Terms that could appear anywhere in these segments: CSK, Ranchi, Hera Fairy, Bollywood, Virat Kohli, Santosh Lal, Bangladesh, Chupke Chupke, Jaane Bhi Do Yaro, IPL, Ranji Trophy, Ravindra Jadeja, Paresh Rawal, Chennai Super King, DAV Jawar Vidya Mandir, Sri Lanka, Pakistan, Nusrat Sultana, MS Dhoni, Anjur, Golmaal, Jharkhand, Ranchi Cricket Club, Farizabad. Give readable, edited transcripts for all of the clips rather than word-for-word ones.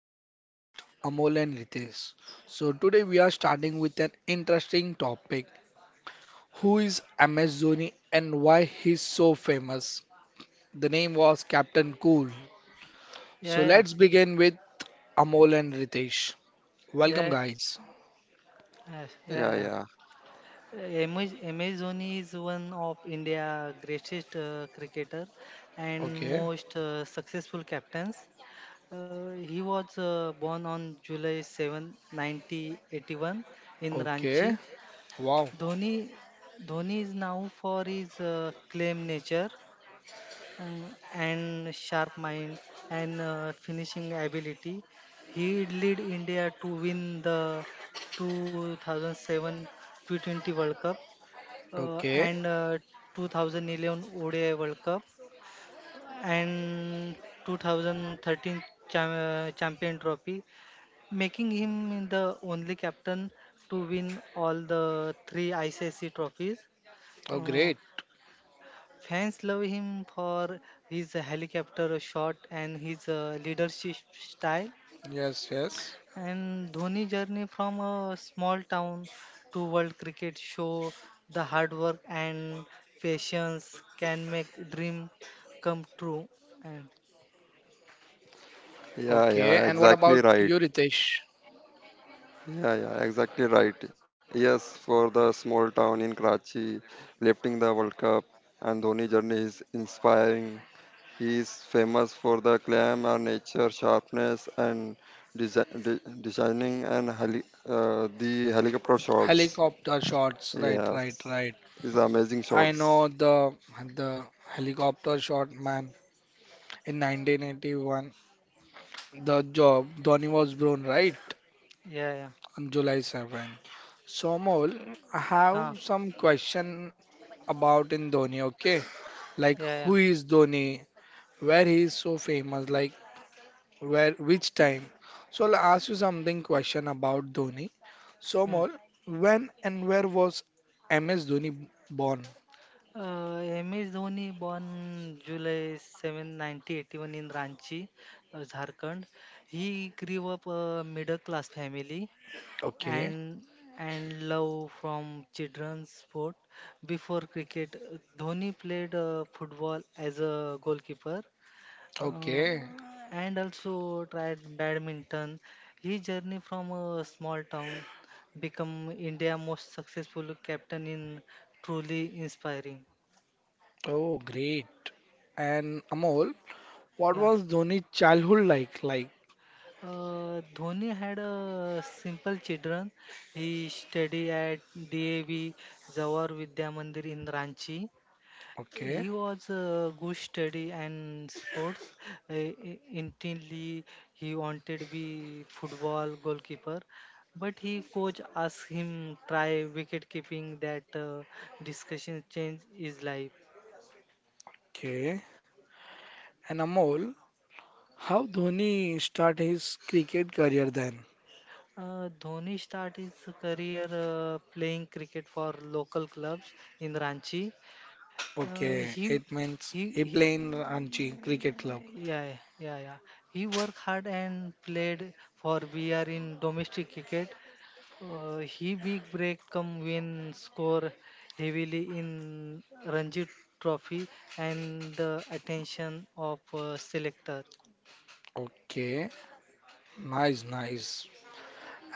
my co host Amol and Ritesh. So, today we are starting with an interesting topic. Who is MS Dhoni and why he's so famous? The name was Captain Cool. So, Yeah, yeah, let's begin with Amol and Ritesh. Welcome, yeah, guys. yes, yeah. Yeah. Amazon is one of India's greatest cricketer and Okay, most successful captains. He was born on July 7, 1981 in okay, Ranchi. wow, Dhoni, Dhoni is now for his claim nature and sharp mind and finishing ability. He led India to win the 2007 T20 World Cup uh, okay, and uh, 2011 ODI World Cup and 2013 Champion Trophy, making him the only captain to win all the three ICC trophies. oh, great. Uh, Fans love him for his helicopter shot and his leadership style. Yes, yes. And Dhoni journey from a small town to world cricket show the hard work and patience can make dream come true. And Okay, and Yeah, what yeah, about you, exactly right. Ritesh? Yeah, yeah, exactly right. Yes, for the small town in Karachi, lifting the World Cup and Dhoni journey is inspiring. He is famous for the clam nature sharpness and designing and the helicopter shots. Helicopter shots, right, right, Yes, right. these are amazing I shots. know the helicopter shot man in 1981. The Mhm. job Dhoni was born, right, yeah, yeah, on July 7. So Mohul, I huh, have some question about in Dhoni. Okay, like yeah, yeah. who is Dhoni? Where he is so famous? Like where? Which time? So I'll ask you something question about Dhoni. So Mm. Mohul, when and where was MS Dhoni born? MS Dhoni born July 7, 1981 in Ranchi, Jharkhand. He grew up a middle class family Okay. and and love from children's sport. Before cricket, Dhoni played football as a goalkeeper uh, Okay. and also tried badminton. His journey from a small town become India most successful captain in truly inspiring. Oh, great. And Amol, what Yeah. was Dhoni's childhood like? Like, Dhoni had a simple children. He studied at DAV Jawar Vidya Mandir in Ranchi. okay, He was a good study and sports. Uh, Intently, he wanted to be football goalkeeper, but he coach asked him try wicket keeping. That discussion changed his life. okay. And Amol, how Dhoni start his cricket career then? Dhoni started his career playing cricket for local clubs in Ranchi. Uh, Okay, he, it he, means he he, playing Ranchi Cricket Club. yeah, yeah, yeah. He worked hard and played for BR in domestic cricket. He big break come win score heavily in Ranji Trophy and the attention of selector. Okay, nice, nice.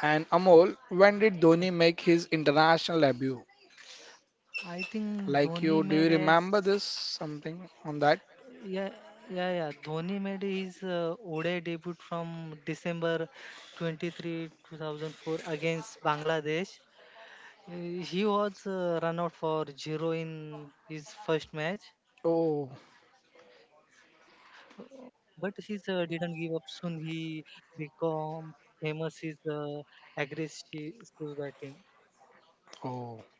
And Amol, when did Yeah. Dhoni make his international debut? I think Dhoni Like you, made do you as remember this something on that? yeah yeah yeah Dhoni made his ODI debut from December 23 2004 against Bangladesh. He was run out for zero in his first match. Oh, But he's didn't give up soon. He become famous his aggressive batting. oh.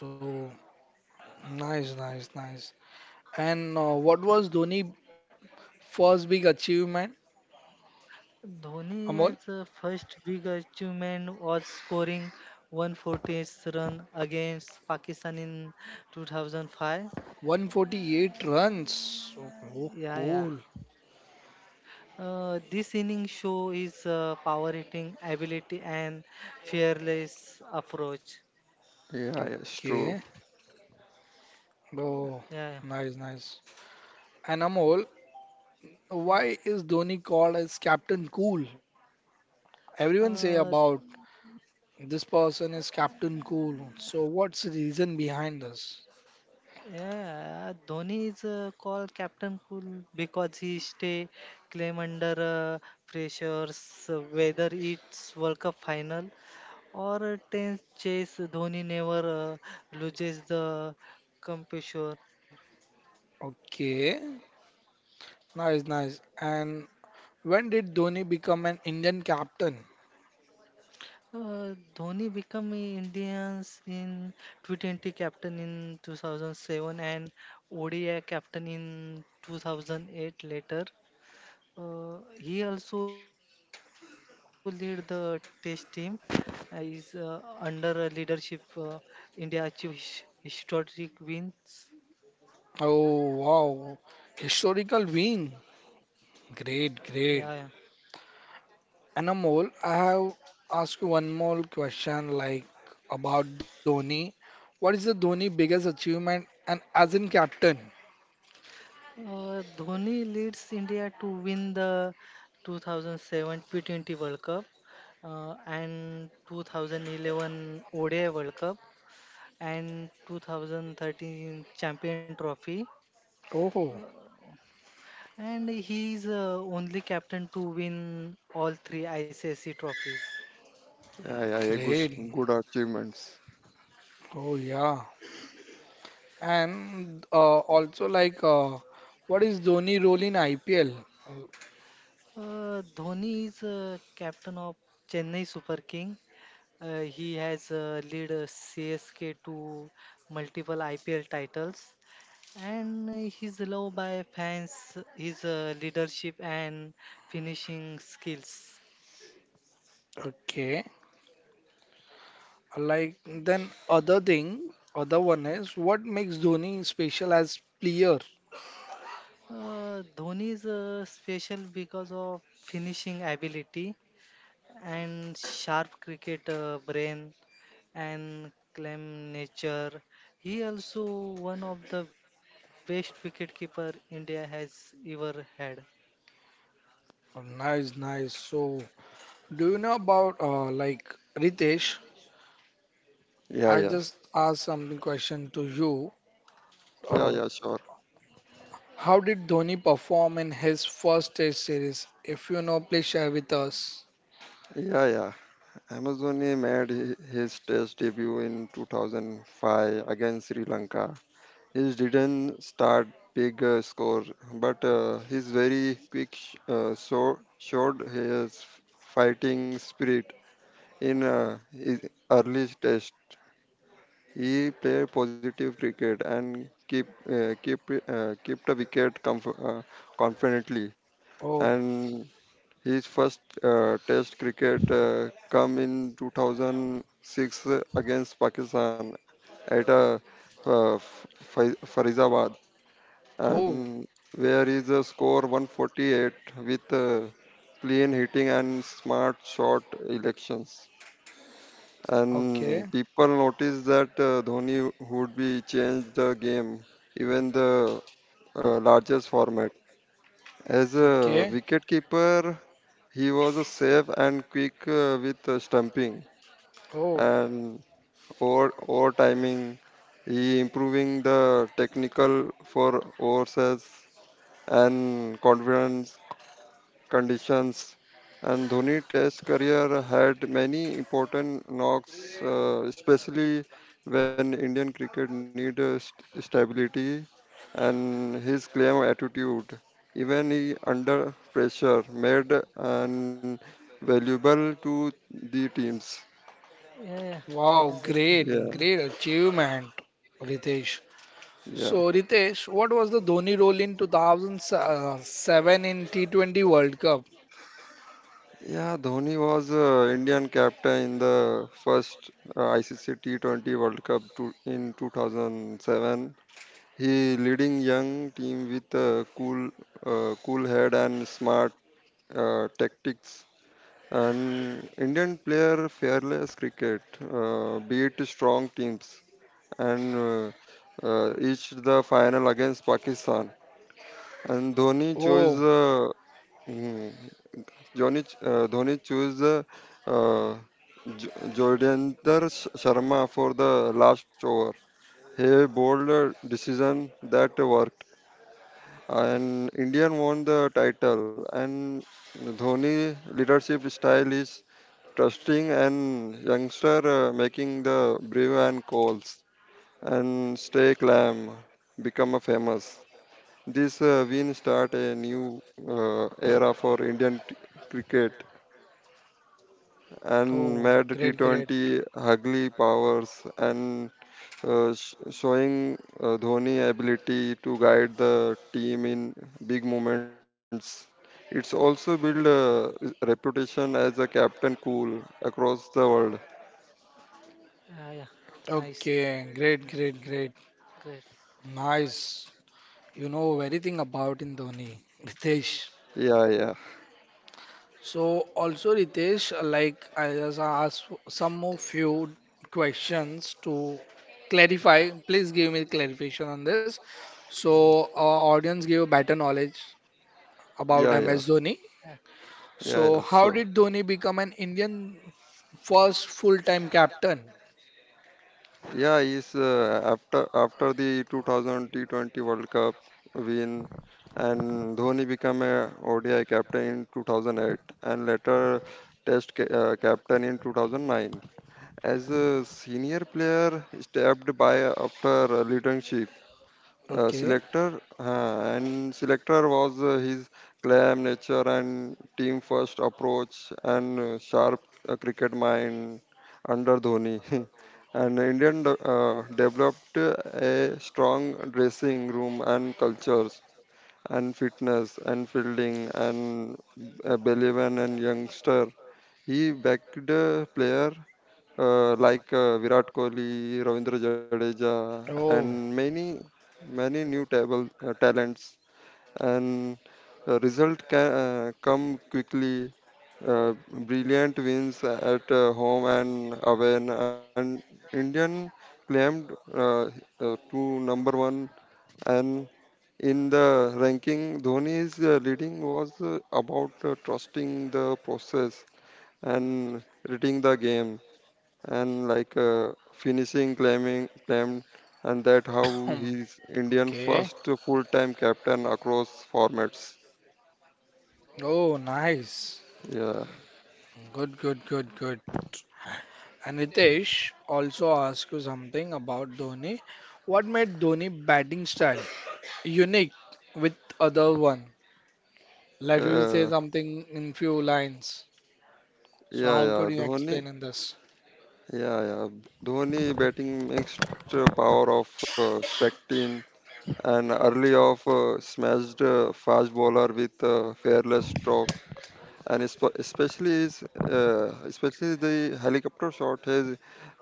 So nice, nice, nice. Yeah. And what was Dhoni first big achievement, Dhoni Amol? as first big achievement was scoring 140 run against Pakistan in 2005. 148 runs. Oh, oh, Yeah, yeah. cool. This inning show his power hitting ability and fearless approach. Yeah, yeah, it's true. Okay. Oh, Yeah, nice, nice. And Amol, why is Dhoni called as Captain Cool? yeah. Everyone Uh, say about this person is Captain Cool. So what's the reason behind this? Yeah, Dhoni is called Captain Cool because he stay claim under pressures, whether it's World Cup final or a tense chase. Dhoni never loses the composure. Okay. Nice, nice. And when did Dhoni become an Indian captain? Dhoni became Indians in T20 captain in 2007 and ODI captain in 2008 later. He also lead the test team. Is Under a leadership, India achieve historic wins. Oh, wow. Historical wing. Great, Yeah, yeah. great. And Amol, I have asked you one more question like about Dhoni. What is the Dhoni biggest achievement and as in captain? Dhoni leads India to win the 2007 T20 World Cup and 2011 ODI World Cup and 2013 Champion Trophy. Oh, And he is only captain to win all three ICC trophies. Yeah, yeah, yeah, good, great. good achievements. Oh yeah. And also like what is Dhoni role in IPL? Dhoni is captain of Chennai Super King. He has led CSK to multiple IPL titles, and he's loved by fans. His leadership and finishing skills. Okay. Like then other thing, other one is what makes Dhoni special as player? Dhoni is special because of finishing ability and sharp cricket brain, and Clem Nature. He also one of the best wicketkeeper India has ever had. Oh, nice, nice. So do you know about like Ritesh? Yeah, I yeah, just asked something question to you. yeah, Uh, yeah, sure. how did Dhoni perform in his first Test series? If you know, please share with us. Yeah, yeah. Amazon made his test debut in 2005 against Sri Lanka. He didn't start big score, but his very quick showed his fighting spirit in his early test. He played positive cricket and keep keep kept a wicket confidently, Oh, and his first Test cricket come in 2006 against Pakistan at Farizabad, oh, and where is a score 148 with clean hitting and smart shot elections. okay, And people noticed that Dhoni would be changed the game, even the largest format. As a okay. wicketkeeper, he was a safe and quick with stumping Oh, and over over timing. He improving the technical for overseas and confidence conditions. And Dhoni Test career had many important knocks, especially when Indian cricket need stability, and his calm attitude, even he under pressure, made an valuable to the teams. Yeah, yeah, wow, exactly. great, Yeah, great achievement, Ritesh. So, yeah, Ritesh, what was the Dhoni role in 2007 in T20 World Cup? yeah. Dhoni was Indian captain in the first ICC T20 World Cup to, in 2007. He leading young team with a cool head and smart tactics. And Indian player fearless cricket, beat strong teams, and reached the final against Pakistan. And Dhoni chose Oh, mm, Dhoni, ch- Dhoni chose uh, Jodhender Sharma for the last over. He bowled a decision that worked, and Indian won the title. And Dhoni leadership style is trusting and youngster making the brave and calls and stay calm become a famous. This win start a new era for Indian cricket and oh, made great, great. T20 ugly powers and showing Dhoni ability to guide the team in big moments. It's also built a reputation as a captain cool across the world. Ah, yeah, nice, Okay, great, great, great. great. Nice. You know everything about in Dhoni, Ritesh. Yeah, yeah, So also Ritesh, like I just asked some of few questions to clarify. Please give me clarification on this. So our audience gave better knowledge about yeah, yeah, MS Dhoni. Yeah. yeah, So yeah. how Sure. did Dhoni become an Indian first full-time captain? Yeah, is after the 2020 World Cup win, and Dhoni became a ODI captain in 2008 and later Test captain in 2009. As a senior player, stepped by after leadership Okay. Selector was his calm nature and team first approach and sharp cricket mind under Dhoni and Indian developed a strong dressing room and cultures and fitness and fielding and believe in and youngster, he backed the player like Virat Kohli, Ravindra Jadeja, and Oh, many new table talents. And result can come quickly. Uh, Brilliant wins at home and away, and Indian claimed to number one. And in the ranking, Dhoni's leading was about trusting the process and reading the game and like finishing claiming climbed, and that how he's Indian okay. first full-time captain across formats. Oh, nice. Yeah, Good, good, good, good. And Ritesh also asked you something about Dhoni. What made Dhoni batting style unique with other one? Like you say uh, something in few lines. So yeah, how yeah. could you Dhoni, explain in this? yeah. Dhoni batting mixed power of Spectin and early off smashed fast bowler with fearless stroke, and especially the helicopter shot has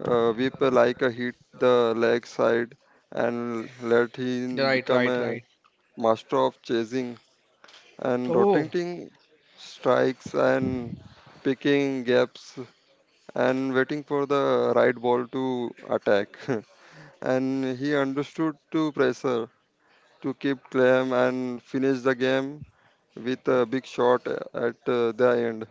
whip like a hit the leg side and let him Right, become right, a right. master of chasing and Oh, rotating strikes and picking gaps and waiting for the right ball to attack. And he understood to pressure to keep calm and finish the game with a big shot at the end.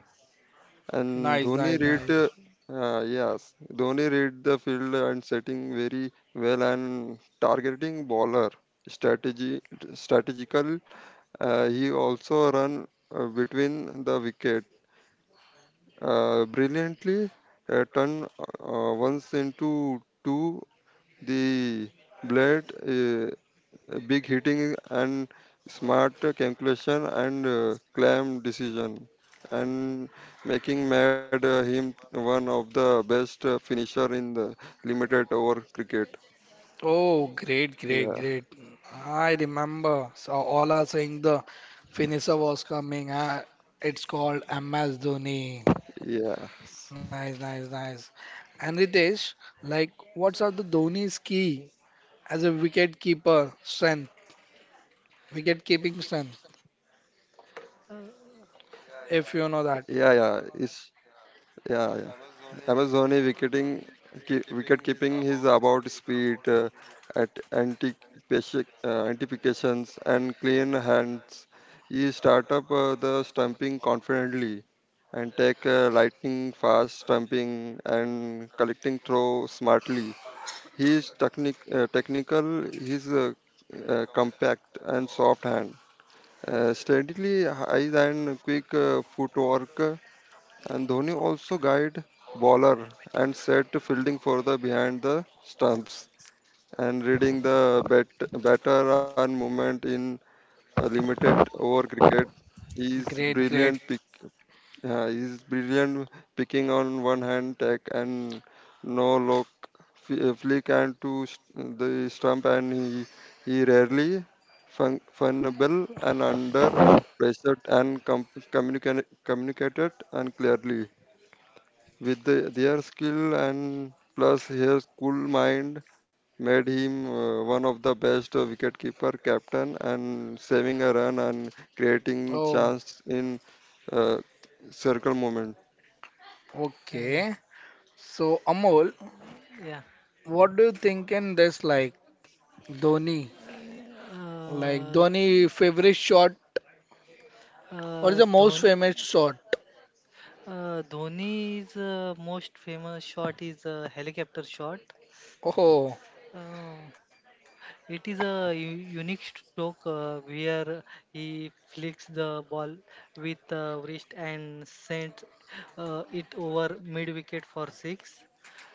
And nice, Dhoni nice, read, nice. Yes, Dhoni read the field and setting very well and targeting bowler strategy strategical. He also run between the wicket brilliantly. Turn once into two the blade. Big hitting and smart calculation and calm decision and making made him one of the best finisher in the limited over cricket. Oh, great, great, great. yeah I remember. So all are saying the finisher was coming. It's called MS Dhoni. yeah Nice, nice, nice. And Ritesh, like, what are the Dhoni's key as a wicket keeper strength, wicket keeping strength? Uh, If yeah you know yeah that. it's yeah yeah. MS Dhoni wicket keeping is about speed, anticipations, and clean hands. He start up the stumping confidently and take lightning fast stumping and collecting throw smartly. His technical, his compact and soft hand. Steadily high and quick footwork, and Dhoni also guided bowler and set to fielding for the behind the stumps and reading the batter and movement in a limited over cricket. He is Great, brilliant. great. He's brilliant picking on one hand tech and no look flick and to the stump, and he rarely funable and under pressure and communicated and clearly. With their skill, and plus his cool mind made him one of the best wicketkeeper captain and saving a run and creating Oh, chance in uh, circle moment. yeah, yeah. okay. So, Amol, yeah. what do you think in this, like, Dhoni? Like, Uh, Dhoni favorite shot? What is the most Dhoni, famous shot? Dhoni's most famous shot is a helicopter shot. Oh, Uh, It is a unique stroke where he flicks the ball with wrist and sent it over mid wicket for six.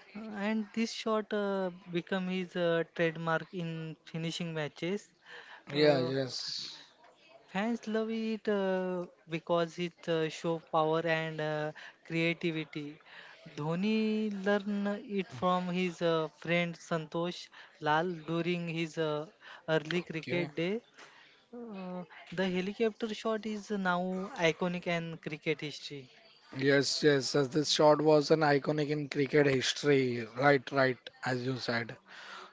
Uh, And this shot become his trademark in finishing matches. yeah, Uh, yes. Fans love it because it show power and creativity. Dhoni learned it from his friend Santosh Lal during his early Okay. cricket day. Uh, the helicopter shot is now iconic in cricket history. Yes, yes. As this shot was an iconic in cricket history. Right, right. As you said.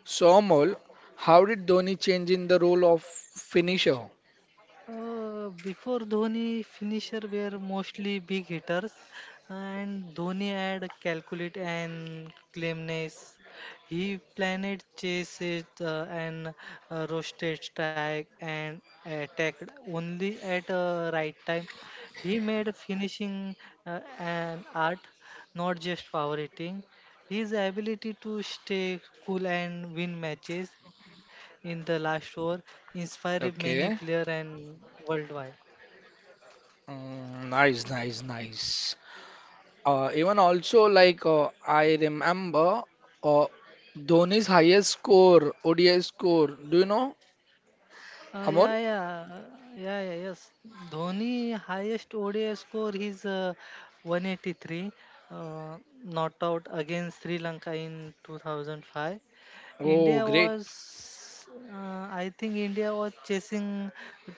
So Amol, how did Dhoni change in the role of finisher? Before Dhoni, finisher were mostly big hitters, and Dhoni had calculate and claimness. He planned chases and roasted strike and attacked only at right time. He made finishing an art, not just power hitting. His ability to stay cool and win matches in the last over inspired many players Okay, and worldwide. mm, nice, nice, nice. Even also like I remember uh, Dhoni's highest score, ODI score. Do you know, Uh, Amol? yeah, yeah, uh, yeah, yeah, yes. Dhoni highest ODI score is 183, uh, not out against Sri Lanka in 2005. Oh, India great. was, I think India was chasing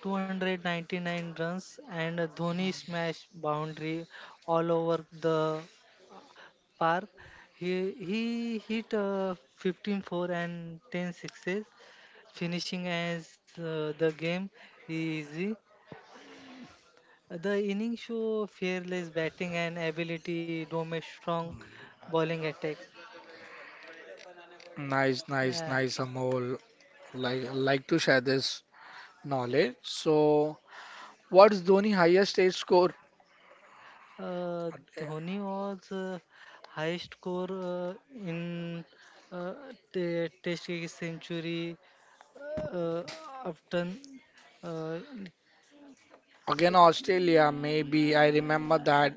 299 runs and Dhoni smashed boundary all over the park. He hit 15 four and 10 sixes, finishing as the game easy. The innings show fearless batting and ability to a strong bowling attack. Nice, nice, Uh, nice, Amol. Like to share this knowledge. So, what's Dhoni highest stage score? Uh, Dhoni was highest score in uh, Test cricket century uh, often. Uh, Again, Australia, maybe. I remember that.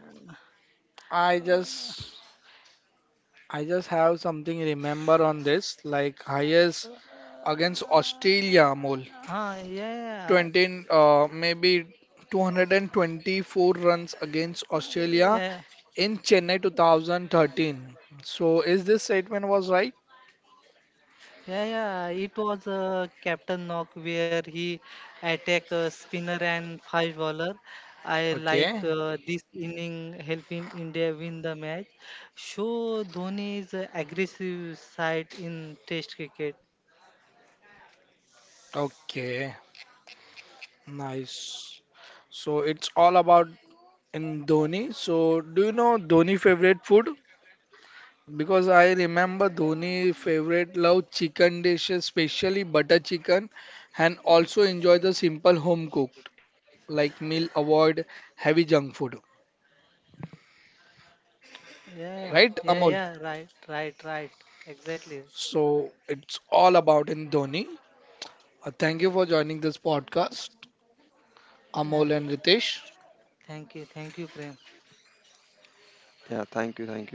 I just I just have something remember on this, like highest against Australia, Amol. हाँ yeah yeah 20, maybe 224 yeah yeah, runs yeah. against Australia in Chennai 2013. So is this statement was right? Yeah, yeah, it was Captain Knock where he attack spinner and five bowler. I like Okay, this inning helping India win the match. Show Dhoni's aggressive side in Test cricket. okay, nice. So it's all about in Dhoni. So do you know Dhoni favorite food? Because I remember Dhoni favorite love chicken dishes, especially butter chicken, and also enjoy the simple home cooked, like meal avoid heavy junk food. Yeah, Right, yeah, Amol? yeah, yeah, right, right, right, exactly. So it's all about in Dhoni. Thank you for joining this podcast, Yeah. Amol and Ritesh. Thank you, Prem. Yeah, thank you, thank you.